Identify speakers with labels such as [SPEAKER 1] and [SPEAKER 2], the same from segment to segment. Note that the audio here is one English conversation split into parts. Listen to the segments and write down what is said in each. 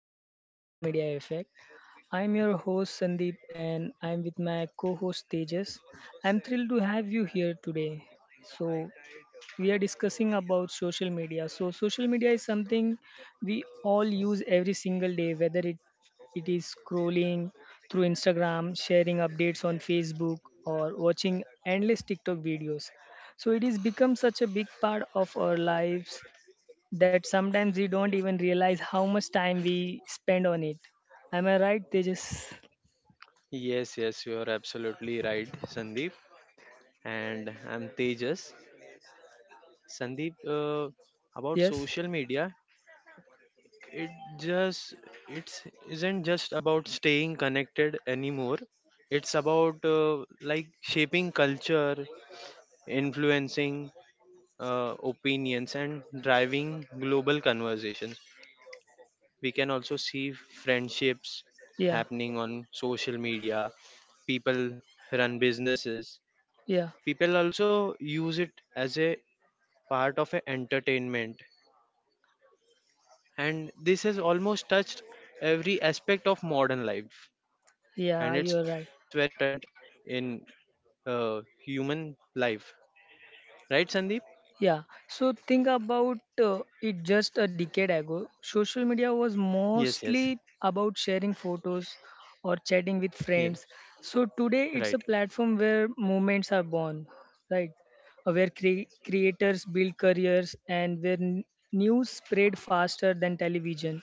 [SPEAKER 1] welcome to the Social Media Effect. I'm your host Sandeep, and I'm with my co-host Tejas. I'm thrilled to have you here today. So, we are discussing about social media. So, social media is something we all use every single day, whether it is scrolling through Instagram, sharing updates on Facebook, or watching endless TikTok videos. So it has become such a big part of our lives that sometimes we don't even realize how much time we spend on it. Am I right? They just
[SPEAKER 2] Yes, yes, you are absolutely right, Sandeep. And I'm Tejas. Sandeep, about
[SPEAKER 1] Yes,
[SPEAKER 2] social media, it just it's isn't just about staying connected anymore. It's about like shaping culture, influencing opinions, and driving global conversations. We can also see friendships
[SPEAKER 1] yeah,
[SPEAKER 2] happening on social media. People run businesses,
[SPEAKER 1] yeah,
[SPEAKER 2] people also use it as a part of a entertainment, and this has almost touched every aspect of modern life, and
[SPEAKER 1] yeah.
[SPEAKER 2] it's
[SPEAKER 1] You are
[SPEAKER 2] very
[SPEAKER 1] right.
[SPEAKER 2] important in human life, right Sandeep?
[SPEAKER 1] Yeah. So think about it just a decade ago, social media was
[SPEAKER 2] Yes, yes.
[SPEAKER 1] mostly about sharing photos or chatting with
[SPEAKER 2] Yeah,
[SPEAKER 1] friends. So today
[SPEAKER 2] right.
[SPEAKER 1] it's a platform where moments are born, right? Where creators build careers, and where news spread faster than television.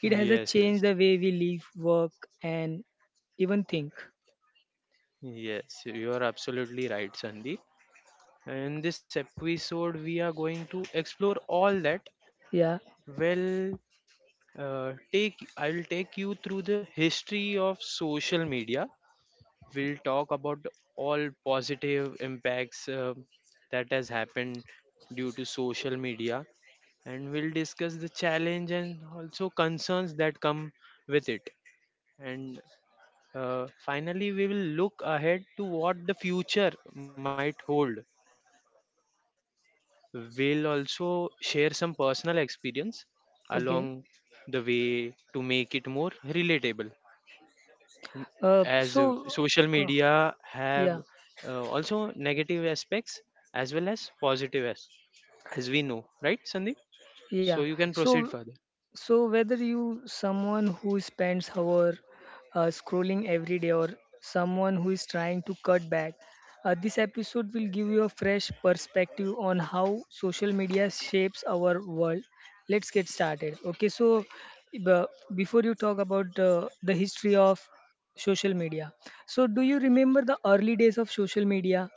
[SPEAKER 1] It has a
[SPEAKER 2] Yes,
[SPEAKER 1] changed
[SPEAKER 2] yes,
[SPEAKER 1] the way we live, work, and even think.
[SPEAKER 2] yes, you are absolutely right, Sandeep. In this episode we are going to explore all that.
[SPEAKER 1] Yeah.
[SPEAKER 2] Well, take I'll take you through the history of social media. We'll talk about all positive impacts that has happened due to social media, and we'll discuss the challenge and also concerns that come with it. And finally we will look ahead to what the future might hold. We'll also share some personal experience along
[SPEAKER 1] Okay.
[SPEAKER 2] the way to make it more relatable.
[SPEAKER 1] Uh,
[SPEAKER 2] As
[SPEAKER 1] so,
[SPEAKER 2] social
[SPEAKER 1] uh,
[SPEAKER 2] media have
[SPEAKER 1] yeah.
[SPEAKER 2] also negative aspects as well as positive, as we know, right Sandeep? So
[SPEAKER 1] Yeah.
[SPEAKER 2] you can proceed
[SPEAKER 1] So
[SPEAKER 2] further.
[SPEAKER 1] so whether you someone who spends hour scrolling every day, or someone who is trying to cut back, this episode will give you a fresh perspective on how social media shapes our world. Let's get started. Okay. So b- before you talk about the history of social media, so do you remember the early days of social media?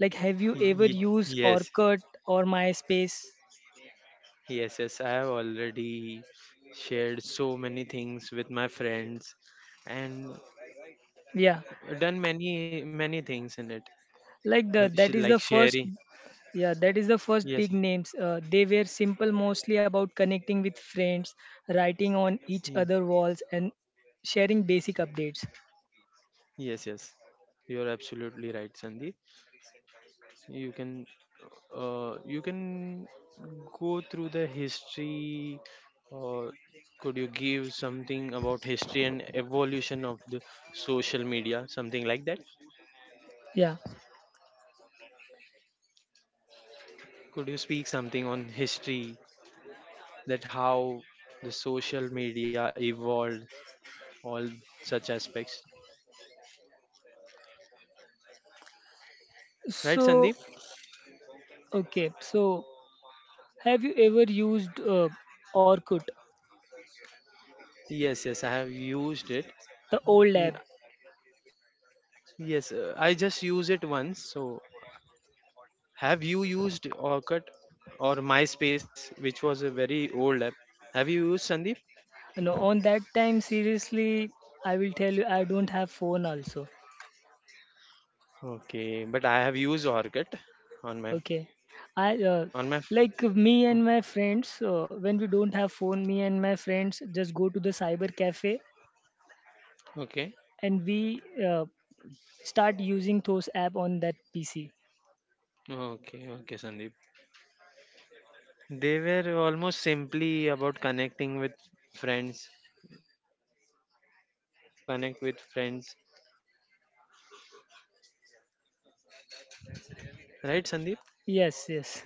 [SPEAKER 1] Like, have you ever
[SPEAKER 2] Ye-
[SPEAKER 1] used or
[SPEAKER 2] yes,
[SPEAKER 1] cut or MySpace?
[SPEAKER 2] yes, yes, I have already shared so many things with my friends and
[SPEAKER 1] Yeah.
[SPEAKER 2] done many many things in it.
[SPEAKER 1] like the
[SPEAKER 2] Like
[SPEAKER 1] that is the
[SPEAKER 2] sharing,
[SPEAKER 1] first. Yeah, that is the
[SPEAKER 2] yes,
[SPEAKER 1] first big names, they were simple, mostly about connecting with
[SPEAKER 2] yes.
[SPEAKER 1] friends, writing on
[SPEAKER 2] ye-
[SPEAKER 1] each other walls, and sharing basic updates.
[SPEAKER 2] yes, yes, you're absolutely right, Sandeep. You can you can go through the history. Or could you give something about history and evolution of the social media, something like that?
[SPEAKER 1] Yeah.
[SPEAKER 2] Could you speak something on history, that how the social media evolved, all such aspects, right
[SPEAKER 1] So,
[SPEAKER 2] Sandeep?
[SPEAKER 1] okay, so have you ever used Orkut,
[SPEAKER 2] Yes, yes, I have used it.
[SPEAKER 1] the old app?
[SPEAKER 2] N- yes, I just use it once, so have you used Orkut or MySpace, which was a very old app? Have you used, Sandeep?
[SPEAKER 1] No, on that time, seriously, I will tell you, I don't have phone also.
[SPEAKER 2] Okay, but I have used Orkut on my,
[SPEAKER 1] Okay. I
[SPEAKER 2] on my.
[SPEAKER 1] Like me and my friends, when we don't have phone, me and my friends just go to the cyber cafe,
[SPEAKER 2] Okay,
[SPEAKER 1] and we start using those app on that PC.
[SPEAKER 2] okay, Sandeep. They were almost simply about connecting with friends, right? It was easy to connect with friends, right, Sandeep?
[SPEAKER 1] Yes, yes.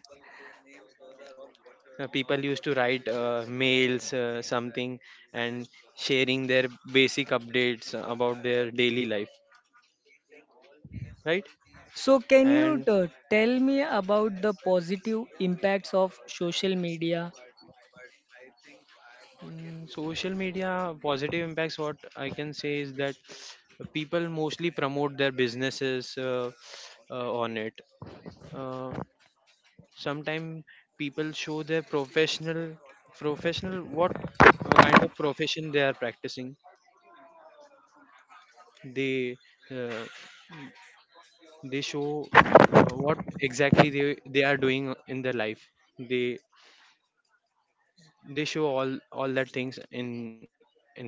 [SPEAKER 2] People used to write mails, something, and sharing their basic updates about their daily life, right?
[SPEAKER 1] So
[SPEAKER 2] And
[SPEAKER 1] can you tell me about the positive impacts of social media?
[SPEAKER 2] mm, social media positive impacts, what I can say is that people mostly promote their businesses on it. uh, Sometimes people show their professional, professional what, kind of profession they are practicing. They uh, they show what exactly they are doing in their life. they they show all that things in that.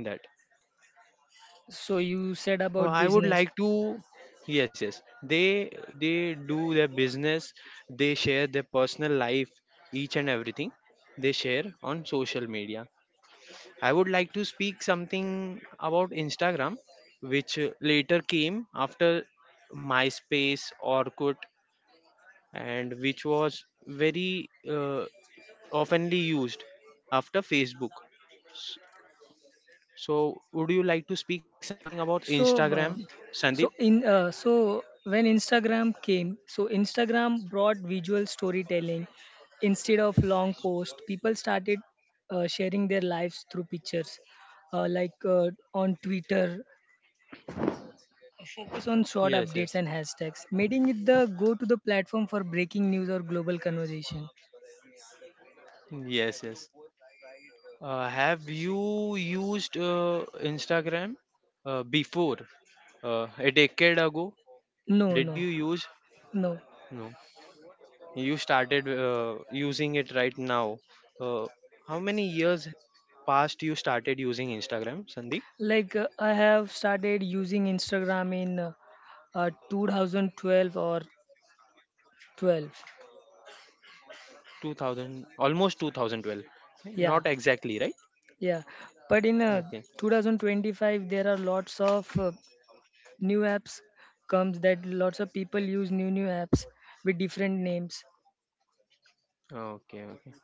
[SPEAKER 1] So you said about
[SPEAKER 2] I would
[SPEAKER 1] business.
[SPEAKER 2] like to. Yes, yes. They do their business. They share their personal life, each and everything they share on social media. I would like to speak something about Instagram, which later came after MySpace, Orkut, and which was very oftenly used after Facebook. So, would you like to speak something about
[SPEAKER 1] So,
[SPEAKER 2] Instagram, Sandeep?
[SPEAKER 1] so in so when Instagram came, so Instagram brought visual storytelling instead of long posts. People started sharing their lives through pictures, like, on Twitter. Focus on short
[SPEAKER 2] Yes,
[SPEAKER 1] updates
[SPEAKER 2] yes.
[SPEAKER 1] and hashtags, making it the go-to the platform for breaking news or global conversation.
[SPEAKER 2] Yes, yes. Have you used Instagram before? A decade ago?
[SPEAKER 1] No,
[SPEAKER 2] Did
[SPEAKER 1] no,
[SPEAKER 2] you use?
[SPEAKER 1] no.
[SPEAKER 2] No. You started using it right now. Uh, how many years past you started using Instagram, Sandeep?
[SPEAKER 1] I have started using Instagram in 2012 or 12.
[SPEAKER 2] 2000, almost 2012. Not
[SPEAKER 1] Yeah,
[SPEAKER 2] exactly, right?
[SPEAKER 1] yeah, but in
[SPEAKER 2] Okay.
[SPEAKER 1] 2025 there are lots of new apps comes, that lots of people use new apps with different names.
[SPEAKER 2] Okay.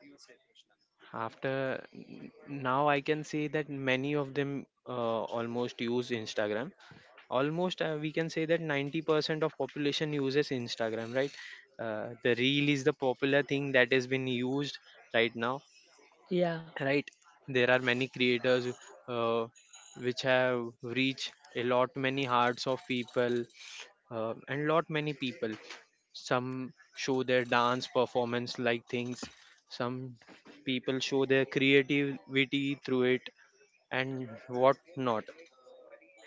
[SPEAKER 2] after n- Now I can say that many of them almost use Instagram, almost we can say that 90% of population uses Instagram, right? The reel is the popular thing that has been used right now,
[SPEAKER 1] Yeah.
[SPEAKER 2] right? There are many creators uh, which have reached a lot many hearts of people, and lot many people. Some show their dance performance like things, some people show their creativity through it, and what not.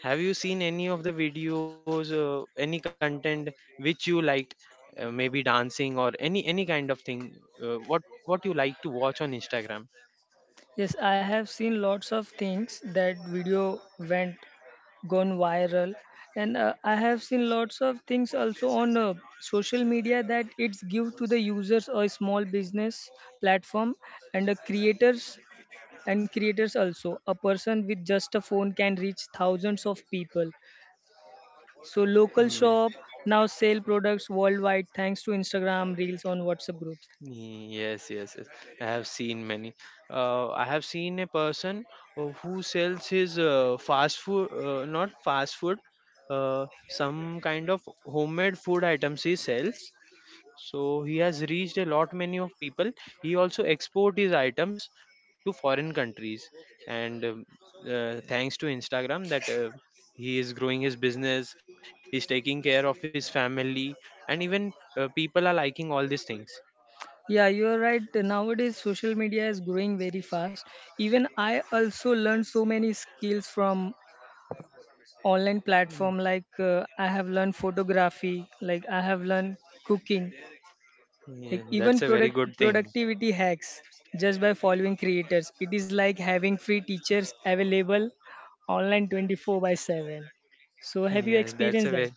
[SPEAKER 2] Have you seen any of the videos, any content which you liked, maybe dancing or any kind of thing? Uh, what what you like to watch on Instagram?
[SPEAKER 1] Yes, I have seen lots of things, that video went gone viral, and I have seen lots of things also on social media, that it's give to the users a small business platform and the creators, and creators also, a person with just a phone can reach thousands of people. So local
[SPEAKER 2] Ye-
[SPEAKER 1] shop now sell products worldwide, thanks to Instagram reels on WhatsApp groups.
[SPEAKER 2] Yes, yes, yes, I have seen many. I have seen a person who sells his not fast food, some kind of homemade food items he sells. So he has reached a lot many of people. He also export his items to foreign countries, and thanks to Instagram, that he is growing his business. He's taking care of his family, and even people are liking all these things.
[SPEAKER 1] Yeah, you're right. Nowadays social media is growing very fast. Even I also learned so many skills from online
[SPEAKER 2] Mm.
[SPEAKER 1] platform, like I have learned photography, like I have learned cooking, like
[SPEAKER 2] Yeah,
[SPEAKER 1] even
[SPEAKER 2] that's a very good thing.
[SPEAKER 1] productivity hacks just by following creators. It is like having free teachers available online 24 by 7. So have you
[SPEAKER 2] Yeah, that's a
[SPEAKER 1] experienced
[SPEAKER 2] way.
[SPEAKER 1] that?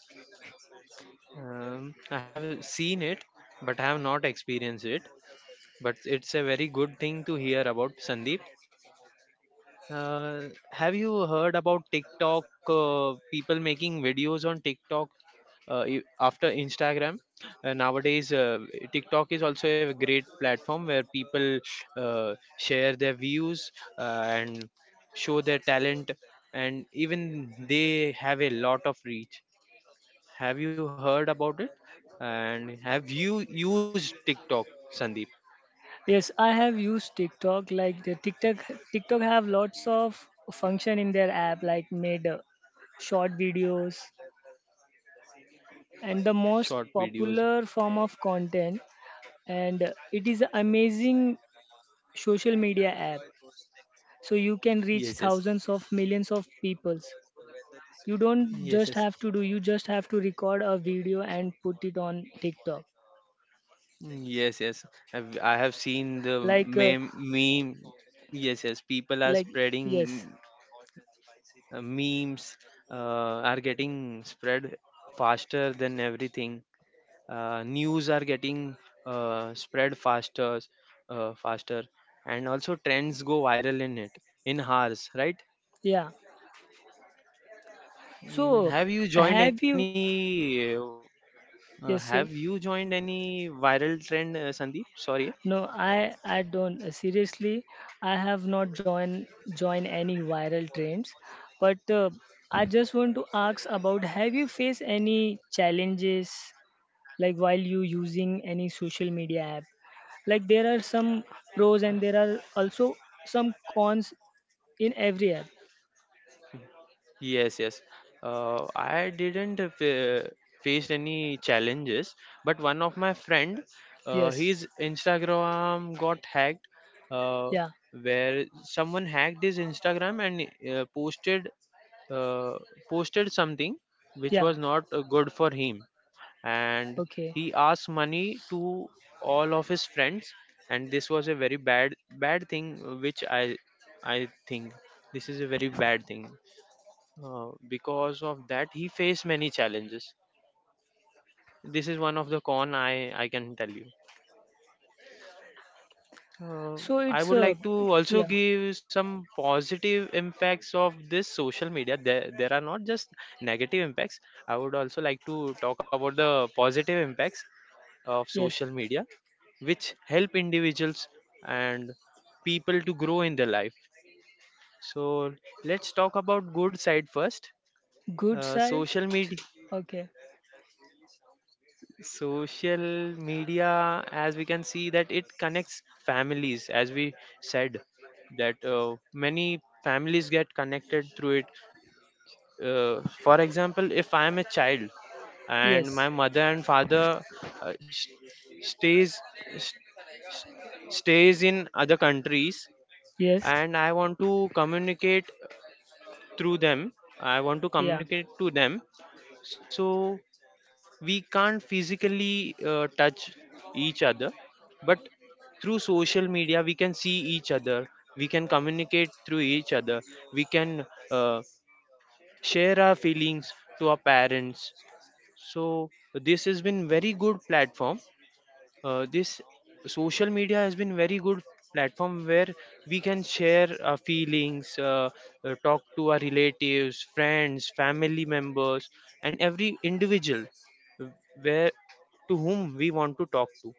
[SPEAKER 2] I have seen it, but I have not experienced it. But it's a very good thing to hear about, Sandeep. Have you heard about TikTok? People making videos on TikTok after Instagram. Nowadays, TikTok is also a great platform where people share their views and show their talent, and even they have a lot of reach. Have you heard about it? And have you used TikTok, Sandeep?
[SPEAKER 1] Yes, I have used TikTok. Like, the TikTok have lots of function in their app, like made short videos, and the
[SPEAKER 2] Short
[SPEAKER 1] most
[SPEAKER 2] videos.
[SPEAKER 1] popular form of content. And it is an amazing social media app. So you can
[SPEAKER 2] Yes,
[SPEAKER 1] reach
[SPEAKER 2] yes.
[SPEAKER 1] thousands of millions of peoples. You don't
[SPEAKER 2] Yes,
[SPEAKER 1] just
[SPEAKER 2] yes,
[SPEAKER 1] have to do. You just have to record a video and put it on TikTok.
[SPEAKER 2] mm, yes, yes. I have seen the
[SPEAKER 1] Like, uh,
[SPEAKER 2] meme. Yes, yes. People are
[SPEAKER 1] like, yes,
[SPEAKER 2] spreading mm, memes, uh, are getting spread faster than everything. Uh, news are getting spread faster faster, and also trends go viral in it, in hours, right?
[SPEAKER 1] yeah.
[SPEAKER 2] Mm,
[SPEAKER 1] So
[SPEAKER 2] have you joined
[SPEAKER 1] have you?
[SPEAKER 2] any have
[SPEAKER 1] Yes,
[SPEAKER 2] you
[SPEAKER 1] sir.
[SPEAKER 2] joined any viral trend, Sandeep, sorry?
[SPEAKER 1] No, I don't, seriously. I have not join any viral trends, but I just want to ask about, have you faced any challenges like while you using any social media app? Like, there are some pros, and there are also some cons in every app.
[SPEAKER 2] Yes, yes, I didn't fa- faced any challenges, but one of my friend,
[SPEAKER 1] Yes.
[SPEAKER 2] his Instagram got hacked, uh,
[SPEAKER 1] Yeah.
[SPEAKER 2] where someone hacked his Instagram and uh, posted something which
[SPEAKER 1] Yeah.
[SPEAKER 2] was not good for him, and
[SPEAKER 1] Okay.
[SPEAKER 2] he asked money to all of his friends. And this was a very bad thing which I think this is a very bad thing, because of that he faced many challenges. This is one of the con I can tell you. Uh,
[SPEAKER 1] So
[SPEAKER 2] I
[SPEAKER 1] it's
[SPEAKER 2] would like to also
[SPEAKER 1] Yeah.
[SPEAKER 2] give some positive impacts of this social media. There are not just negative impacts. I would also like to talk about the positive impacts of
[SPEAKER 1] Yes.
[SPEAKER 2] social media, which help individuals and people to grow in their life. So let's talk about good side first.
[SPEAKER 1] Good
[SPEAKER 2] Uh,
[SPEAKER 1] side.
[SPEAKER 2] social media
[SPEAKER 1] Okay.
[SPEAKER 2] social media, as we can see, that it connects families, as we said that many families get connected through it. For example, if I am a child and
[SPEAKER 1] Yes.
[SPEAKER 2] my mother and father uh, s- stays s- s- stays in other countries,
[SPEAKER 1] Yes.
[SPEAKER 2] and I want to communicate through them, I want to
[SPEAKER 1] Yeah.
[SPEAKER 2] communicate to them. So we can't physically touch each other, but through social media we can see each other, we can communicate through each other, we can uh, share our feelings to our parents. So this has been very good platform. This social media has been very good platform where we can share our feelings, talk to our relatives, friends, family members, and every individual, uh, where to whom we want to talk to.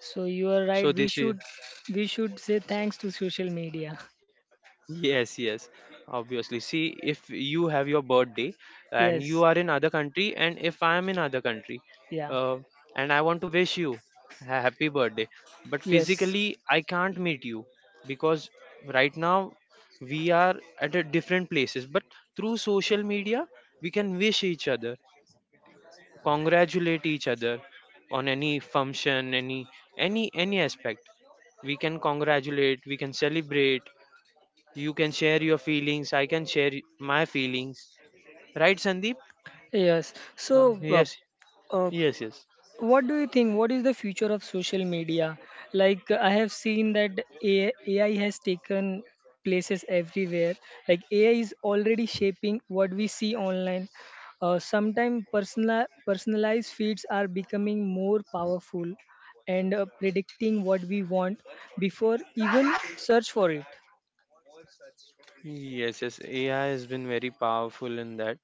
[SPEAKER 1] So you are right.
[SPEAKER 2] So
[SPEAKER 1] We
[SPEAKER 2] this is,
[SPEAKER 1] should we should say thanks to social media.
[SPEAKER 2] yes, yes, obviously. See, if you have your birthday and you are in
[SPEAKER 1] Yes.
[SPEAKER 2] other country, and if I am in other country,
[SPEAKER 1] Yeah.
[SPEAKER 2] uh, and I want to wish you a happy birthday, but
[SPEAKER 1] Yes.
[SPEAKER 2] physically I can't meet you, because right now we are at a different places. But through social media, we can wish each other, congratulate each other on any function, any aspect. We can congratulate, we can celebrate, you can share your feelings. I can share my feelings. Right, Sandeep?
[SPEAKER 1] Yes. So,
[SPEAKER 2] Uh, yes,
[SPEAKER 1] uh,
[SPEAKER 2] yes.
[SPEAKER 1] what do you think? What is the future of social media? Like, I have seen that AI has taken places everywhere. Like, AI is already shaping what we see online. Sometimes personalized feeds are becoming more powerful, and predicting what we want before even search for it.
[SPEAKER 2] Yes, yes. AI has been very powerful in that,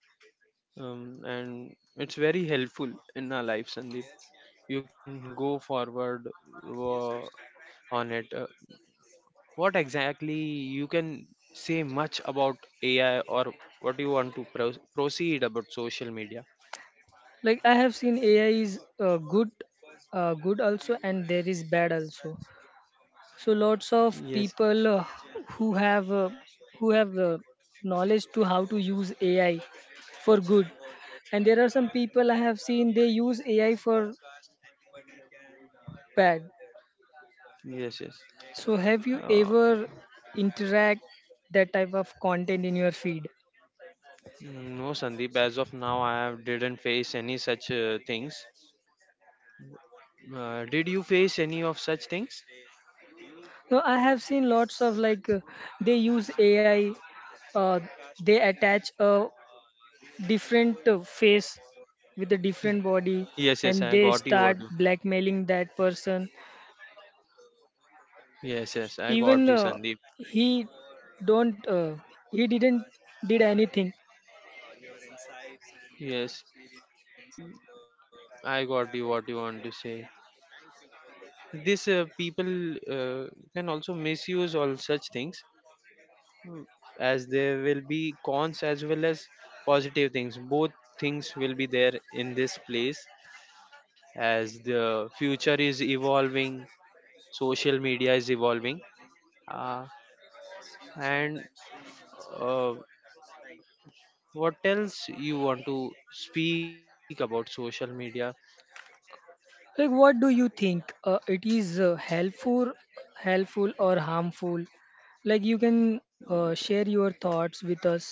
[SPEAKER 2] and it's very helpful in our life, Sandeep. You can go forward on it. What exactly you can say much about AI, or what you want to proceed about social media?
[SPEAKER 1] Like, I have seen AI is good also, and there is bad also. So lots of
[SPEAKER 2] Yes.
[SPEAKER 1] people
[SPEAKER 2] Yes.
[SPEAKER 1] who have uh, who have knowledge to how to use AI for good, and there are some people I have seen they use AI for bad.
[SPEAKER 2] Yes.
[SPEAKER 1] So have you
[SPEAKER 2] Uh,
[SPEAKER 1] ever interact that type of content in your feed?
[SPEAKER 2] mm, no, Sandeep. As of now, I have didn't face any such things. Did you face any of such things?
[SPEAKER 1] No, I have seen lots of, they use AI, uh, they attach a different face with a different body,
[SPEAKER 2] Yes,
[SPEAKER 1] and
[SPEAKER 2] yes, I
[SPEAKER 1] they
[SPEAKER 2] got you.
[SPEAKER 1] start
[SPEAKER 2] What?
[SPEAKER 1] blackmailing that person,
[SPEAKER 2] Yes, yes, I
[SPEAKER 1] even
[SPEAKER 2] got you, Sandeep.
[SPEAKER 1] he don't uh, he didn't did anything.
[SPEAKER 2] Yes, I got you. What you want to say? This people can also misuse all such things, mm, as there will be cons as well as positive things. Both things will be there in this place, as the future is evolving, social media is evolving uh, and uh, what else you want to speak about social media?
[SPEAKER 1] Like, what do you think, it is helpful or harmful? Like, you can share your thoughts with us.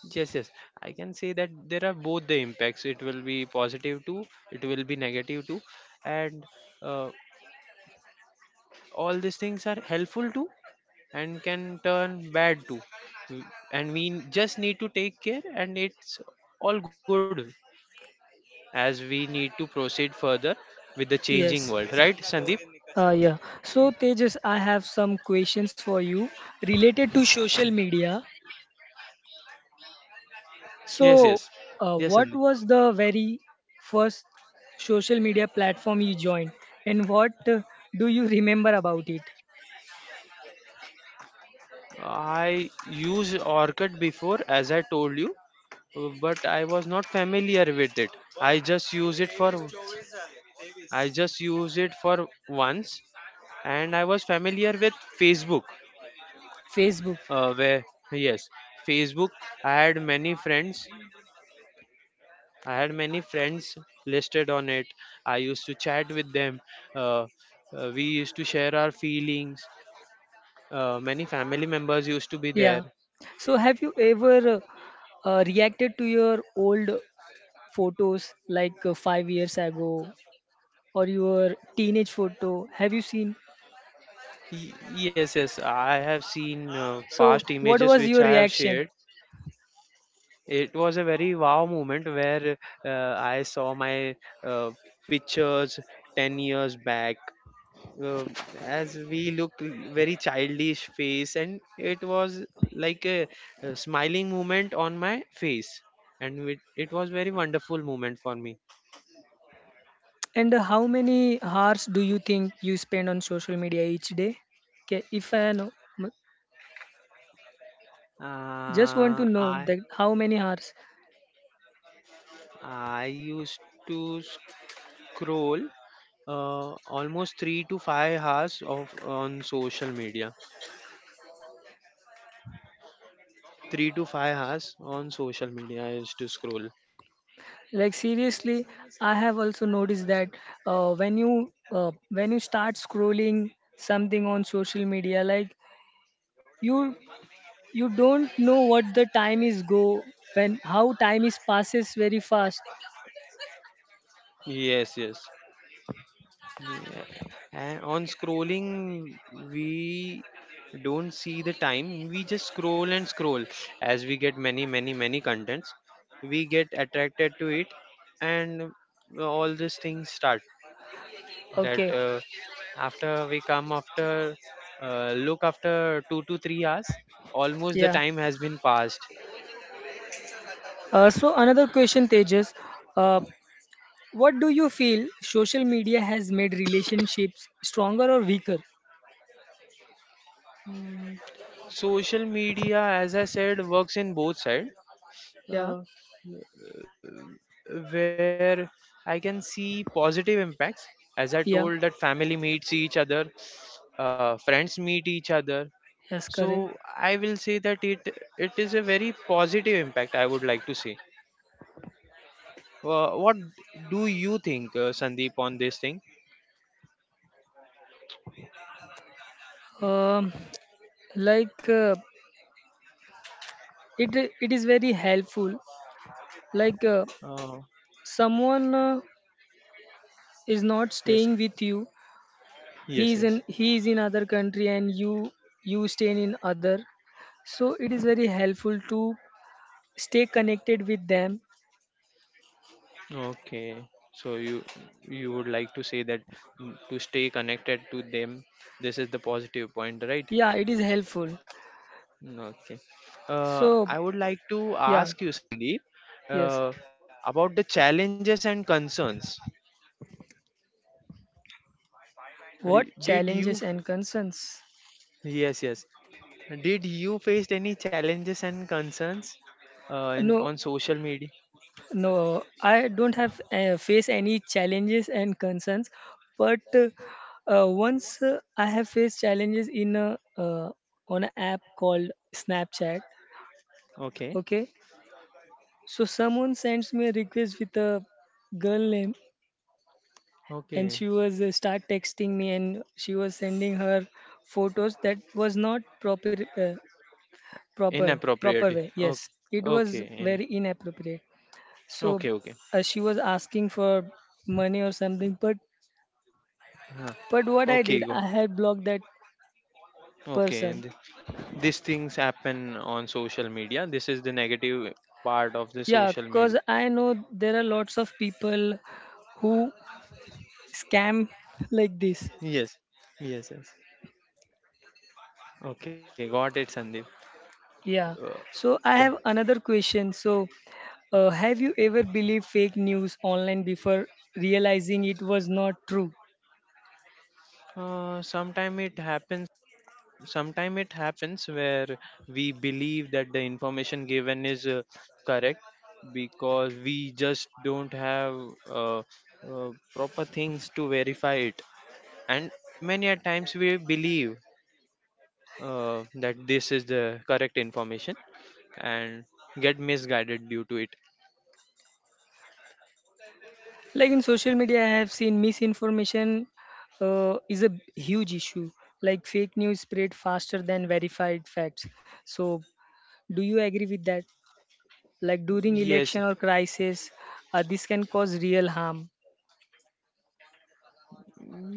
[SPEAKER 2] Yes, yes, I can say that there are both the impacts: it will be positive too, it will be negative too. And uh, all these things are helpful too, and can turn bad too. Mm, and we just need to take care and it's all good, as we need to proceed further with the changing
[SPEAKER 1] Yes,
[SPEAKER 2] world, right Sandeep?
[SPEAKER 1] yeah. So Tejas, I have some questions for you related to social media.
[SPEAKER 2] Yes, yes,
[SPEAKER 1] So,
[SPEAKER 2] yes, Sandeep.
[SPEAKER 1] what was the very first social media platform you joined, and what do you remember about it?
[SPEAKER 2] I used Orchid before, as I told you, but I was not familiar with it. I just use it for I just use it for once, and I was familiar with Facebook.
[SPEAKER 1] Facebook.
[SPEAKER 2] Where, yes, Facebook. I had many friends. I had many friends listed on it. I used to chat with them. Uh, we used to share our feelings. Many family members used to be
[SPEAKER 1] Yeah.
[SPEAKER 2] there.
[SPEAKER 1] So have you ever reacted to your old photos, like 5 years ago, or your teenage photo? Have you seen?
[SPEAKER 2] Yes, yes, I have seen
[SPEAKER 1] So
[SPEAKER 2] past
[SPEAKER 1] what
[SPEAKER 2] images
[SPEAKER 1] was
[SPEAKER 2] which
[SPEAKER 1] your
[SPEAKER 2] I have
[SPEAKER 1] reaction?
[SPEAKER 2] shared. It was a very wow moment where I saw my uh, pictures 10 years back. Uh, as we look very childish face, and it was like a smiling moment on my face. And it was very wonderful moment for me.
[SPEAKER 1] And how many hours do you think you spend on social media each day? Okay, if I know, m- just want to
[SPEAKER 2] uh,
[SPEAKER 1] know
[SPEAKER 2] i
[SPEAKER 1] that how many hours.
[SPEAKER 2] i used to scroll uh, almost 3 to 5 hours of on social media. 3 to 5 hours on social media I used to scroll.
[SPEAKER 1] Like, seriously, I have also noticed that when you start scrolling something on social media, like, you you don't know what the time is go when, how time is passes very fast.
[SPEAKER 2] Yes, yes. Yeah. And on scrolling, we don't see the time. We just scroll and scroll as we get many, many, many contents. We get attracted to it, and all these things start. That
[SPEAKER 1] Okay.
[SPEAKER 2] after we come after look, after 2 to 3 hours almost the
[SPEAKER 1] Yeah.
[SPEAKER 2] time has been passed.
[SPEAKER 1] So another question, Tejas, uh, what do you feel, social media has made relationships stronger or weaker?
[SPEAKER 2] Mm, social media, as I said, works in both sides.
[SPEAKER 1] Yeah,
[SPEAKER 2] uh, where I can see positive impacts, as I told, that
[SPEAKER 1] yeah,
[SPEAKER 2] family meets each other, friends meet each other. So
[SPEAKER 1] yes, correct.
[SPEAKER 2] I will say that it is a very positive impact, I would like to say. What do you think, Sandeep, on this thing?
[SPEAKER 1] um, like uh, it it is very helpful, like,
[SPEAKER 2] Uh,
[SPEAKER 1] someone is not
[SPEAKER 2] yes,
[SPEAKER 1] staying with you,
[SPEAKER 2] yes, yes.
[SPEAKER 1] he is in other country, and you stay in other. So it is very helpful to stay connected with them.
[SPEAKER 2] Okay. So you would like to say that, to stay connected to them, this is the positive point, right?
[SPEAKER 1] Yeah, it is helpful.
[SPEAKER 2] Mm, okay.
[SPEAKER 1] So,
[SPEAKER 2] I would like to
[SPEAKER 1] yeah,
[SPEAKER 2] ask you, Sandeep,
[SPEAKER 1] yes.
[SPEAKER 2] uh, about the challenges and concerns.
[SPEAKER 1] What
[SPEAKER 2] Did you?
[SPEAKER 1] challenges and concerns?
[SPEAKER 2] Yes, yes. Did you face any challenges and concerns in
[SPEAKER 1] No,
[SPEAKER 2] on social media?
[SPEAKER 1] no, I don't have, face any challenges and concerns, but once, I have faced challenges in a on an app called Snapchat.
[SPEAKER 2] Okay.
[SPEAKER 1] Okay. So someone sends me a request with a girl name, and
[SPEAKER 2] Okay.
[SPEAKER 1] she was, start texting me, and she was sending her photos that was not proper, uh, proper,
[SPEAKER 2] Inappropriate.
[SPEAKER 1] way.
[SPEAKER 2] Okay.
[SPEAKER 1] Yes, it was
[SPEAKER 2] Okay. In.
[SPEAKER 1] very inappropriate. So
[SPEAKER 2] Okay. Okay.
[SPEAKER 1] she was asking for money or something, but
[SPEAKER 2] Huh.
[SPEAKER 1] what I did,
[SPEAKER 2] Okay. Go.
[SPEAKER 1] I had blocked that
[SPEAKER 2] Okay.
[SPEAKER 1] person.
[SPEAKER 2] And these things happen on social media. This is the negative part of the
[SPEAKER 1] Yeah,
[SPEAKER 2] social media.
[SPEAKER 1] cuz I know there are lots of people who scam like this.
[SPEAKER 2] Yes. Yes. Yes. Okay. Got it, Sandeep. Uh,
[SPEAKER 1] Yeah. So
[SPEAKER 2] Okay.
[SPEAKER 1] I have another question. So, have you ever believed fake news online before realizing it was not true?
[SPEAKER 2] Sometime it happens. Sometime it happens where we believe that the information given is correct, because we just don't have uh, proper things to verify it. And many a times we believe that this is the correct information, and get misguided due to it.
[SPEAKER 1] Like, in social media, I have seen misinformation is a huge issue. Like, fake news spread faster than verified facts. So, do you agree with that? Like, during election or
[SPEAKER 2] Yes,
[SPEAKER 1] crisis, this can cause real harm.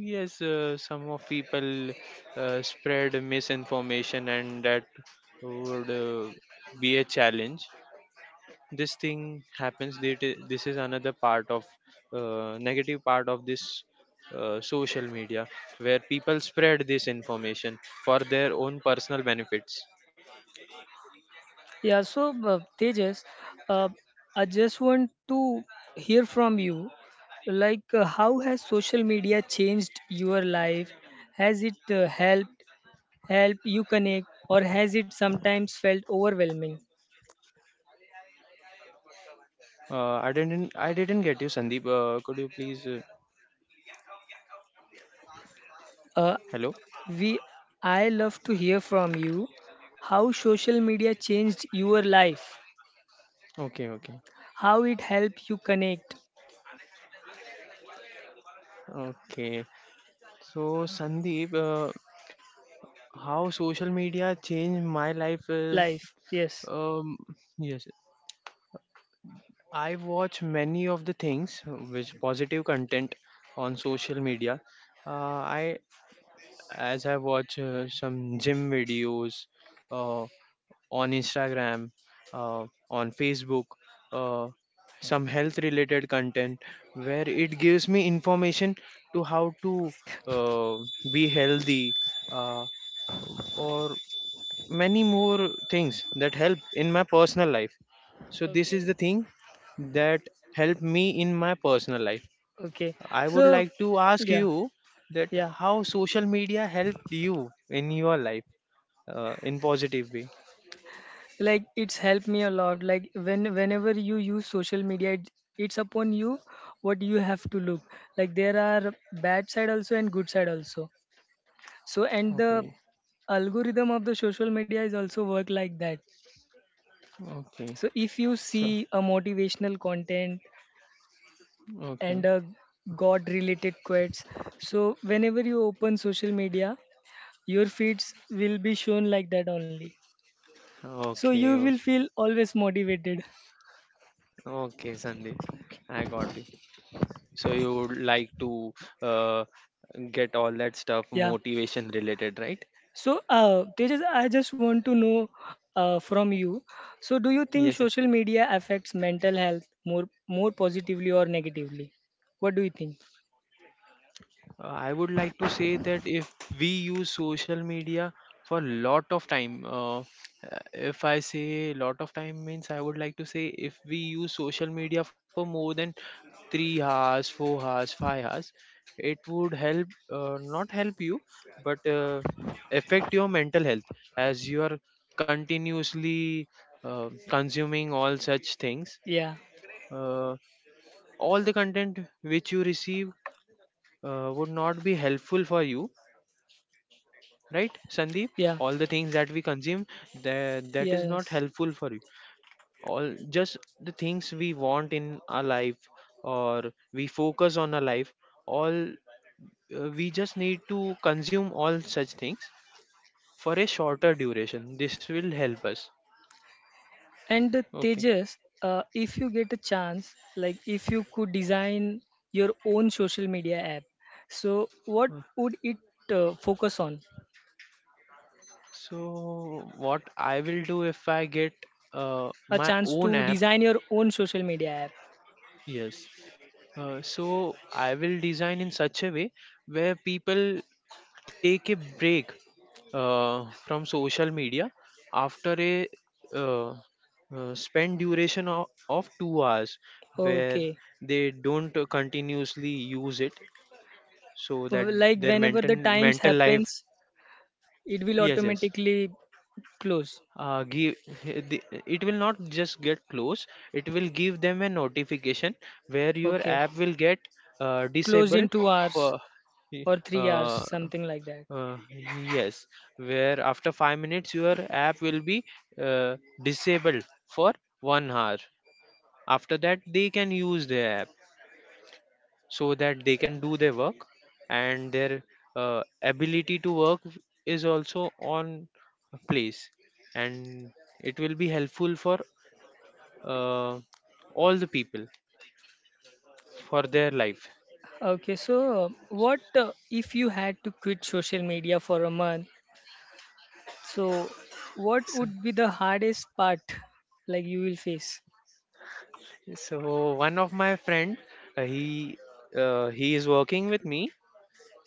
[SPEAKER 2] yes. Some of people spread misinformation, and that would be a challenge. This thing happens, this is another part of, negative part of this social media, where people spread this information for their own personal benefits.
[SPEAKER 1] Yeah, so Tejas, uh, I just want to hear from you. Like, how has social media changed your life? Has it help you connect, or has it sometimes felt overwhelming?
[SPEAKER 2] I didn't get you, Sandeep. Could you please?
[SPEAKER 1] Uh,
[SPEAKER 2] Hello.
[SPEAKER 1] we, I love to hear from you. How social media changed your life?
[SPEAKER 2] Okay. Okay.
[SPEAKER 1] How it helped you connect
[SPEAKER 2] Okay. So, Sandeep, how social media changed my life?
[SPEAKER 1] life? Yes.
[SPEAKER 2] Um, yes, I watch many of the things which positive content on social media. Uh, I As I watch some gym videos, uh, on Instagram, uh, on Facebook, uh, some health related content, where it gives me information to how to uh, be healthy, uh, or many more things that help in my personal life. So, this
[SPEAKER 1] Okay.
[SPEAKER 2] is the thing that help me in my personal life.
[SPEAKER 1] Okay.
[SPEAKER 2] I would
[SPEAKER 1] So,
[SPEAKER 2] like to ask
[SPEAKER 1] yeah,
[SPEAKER 2] you that
[SPEAKER 1] yeah.
[SPEAKER 2] how social media helped you in your life in positive way.
[SPEAKER 1] Like, it's helped me a lot. Like, whenever you use social media, it's upon you what you have to look. Like, there are bad side also, and good side also. So, and the
[SPEAKER 2] Okay,
[SPEAKER 1] algorithm of the social media is also work like that.
[SPEAKER 2] okay.
[SPEAKER 1] So if you
[SPEAKER 2] So,
[SPEAKER 1] see a motivational content
[SPEAKER 2] okay,
[SPEAKER 1] and a god related quotes, so whenever you open social media, your feeds will be shown like that only. So
[SPEAKER 2] okay,
[SPEAKER 1] you will feel always motivated.
[SPEAKER 2] okay, Sandeep, I got you. So you would like to uh, get all that stuff
[SPEAKER 1] Yeah.
[SPEAKER 2] motivation related, right?
[SPEAKER 1] So, Tejas, I just want to know from you. So, do you think
[SPEAKER 2] Yes.
[SPEAKER 1] social media affects mental health more positively or negatively? What do you think?
[SPEAKER 2] I would like to say that if we use social media for lot of time, if I say lot of time means, I would like to say, if we use social media for more than 3 hours, 4 hours, 5 hours, it would help, not help you, but affect your mental health, as you are continuously consuming all such things.
[SPEAKER 1] Yeah,
[SPEAKER 2] Uh, all the content which you receive would not be helpful for you, right Sandeep?
[SPEAKER 1] yeah,
[SPEAKER 2] All the things that we consume, that is not
[SPEAKER 1] yes.
[SPEAKER 2] helpful for you. All just the things we want in our life, or we focus on our life, all, we just need to consume all such things for a shorter duration. This will help us.
[SPEAKER 1] And
[SPEAKER 2] Okay.
[SPEAKER 1] Tejas, if you get a chance, like, if you could design your own social media app, so what
[SPEAKER 2] Uh,
[SPEAKER 1] would it focus on?
[SPEAKER 2] so what I will do if I get uh,
[SPEAKER 1] A
[SPEAKER 2] my
[SPEAKER 1] chance
[SPEAKER 2] own
[SPEAKER 1] to
[SPEAKER 2] app,
[SPEAKER 1] design your own social media app.
[SPEAKER 2] yes. So I will design in such a way where people take a break from social media after a, uh, spend duration of 2 hours, where
[SPEAKER 1] Okay.
[SPEAKER 2] they don't continuously use it, so that
[SPEAKER 1] Like,
[SPEAKER 2] their
[SPEAKER 1] whenever
[SPEAKER 2] mental
[SPEAKER 1] the times
[SPEAKER 2] mental life.
[SPEAKER 1] happens, it will
[SPEAKER 2] Yes, yes.
[SPEAKER 1] automatically close.
[SPEAKER 2] Give it will not just get close, it will give them a notification where your
[SPEAKER 1] Okay,
[SPEAKER 2] app will get
[SPEAKER 1] close in
[SPEAKER 2] disabled
[SPEAKER 1] two
[SPEAKER 2] for
[SPEAKER 1] hours or 3 hours,
[SPEAKER 2] uh,
[SPEAKER 1] something like that.
[SPEAKER 2] Yes, where after 5 minutes your app will be uh, disabled for 1 hour. After that, they can use the app so that they can do their work, and their ability to work is also on place, and it will be helpful for uh, all the people for their life.
[SPEAKER 1] Okay, so what, if you had to quit social media for a month? So, what
[SPEAKER 2] So,
[SPEAKER 1] would be the hardest part like you will face?
[SPEAKER 2] so, one of my friend, uh, he he is working with me.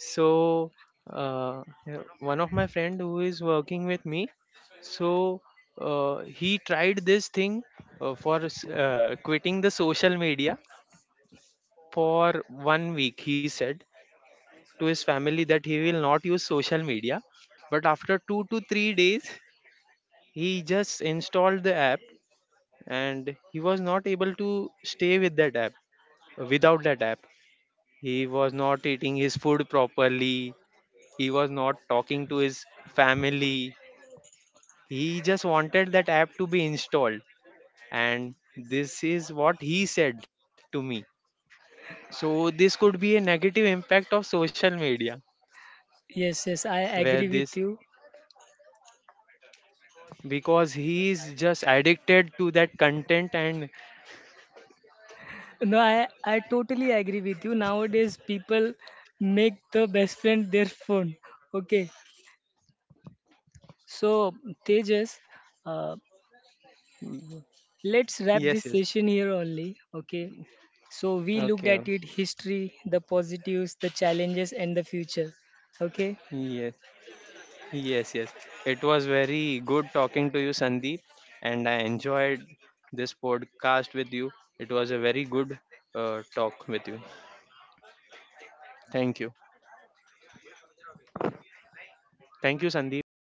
[SPEAKER 2] so yeah, one of my friend who is working with me. So he tried this thing for quitting the social media for 1 week. He said to his family that he will not use social media, but after 2 to 3 days he just installed the app, and he was not able to stay with that app. Without that app, he was not eating his food properly. He was not talking to his family. He just wanted that app to be installed. And this is what he said to me. So this could be a negative impact of social media,
[SPEAKER 1] Yes, yes, I agree
[SPEAKER 2] where
[SPEAKER 1] with
[SPEAKER 2] this,
[SPEAKER 1] you.
[SPEAKER 2] because he is just addicted to that content and.
[SPEAKER 1] No, I totally agree with you. Nowadays, people make the best friend their phone. Okay, so Tejas, uh, let's wrap this
[SPEAKER 2] Yes, yes.
[SPEAKER 1] session here only. Okay. So we looked
[SPEAKER 2] Okay.
[SPEAKER 1] at it history, the positives, the challenges, and the future. Okay.
[SPEAKER 2] Yes, yes, yes. It was very good talking to you, Sandeep, and I enjoyed this podcast with you. It was a very good talk with you. Thank you. Thank you, Sandeep.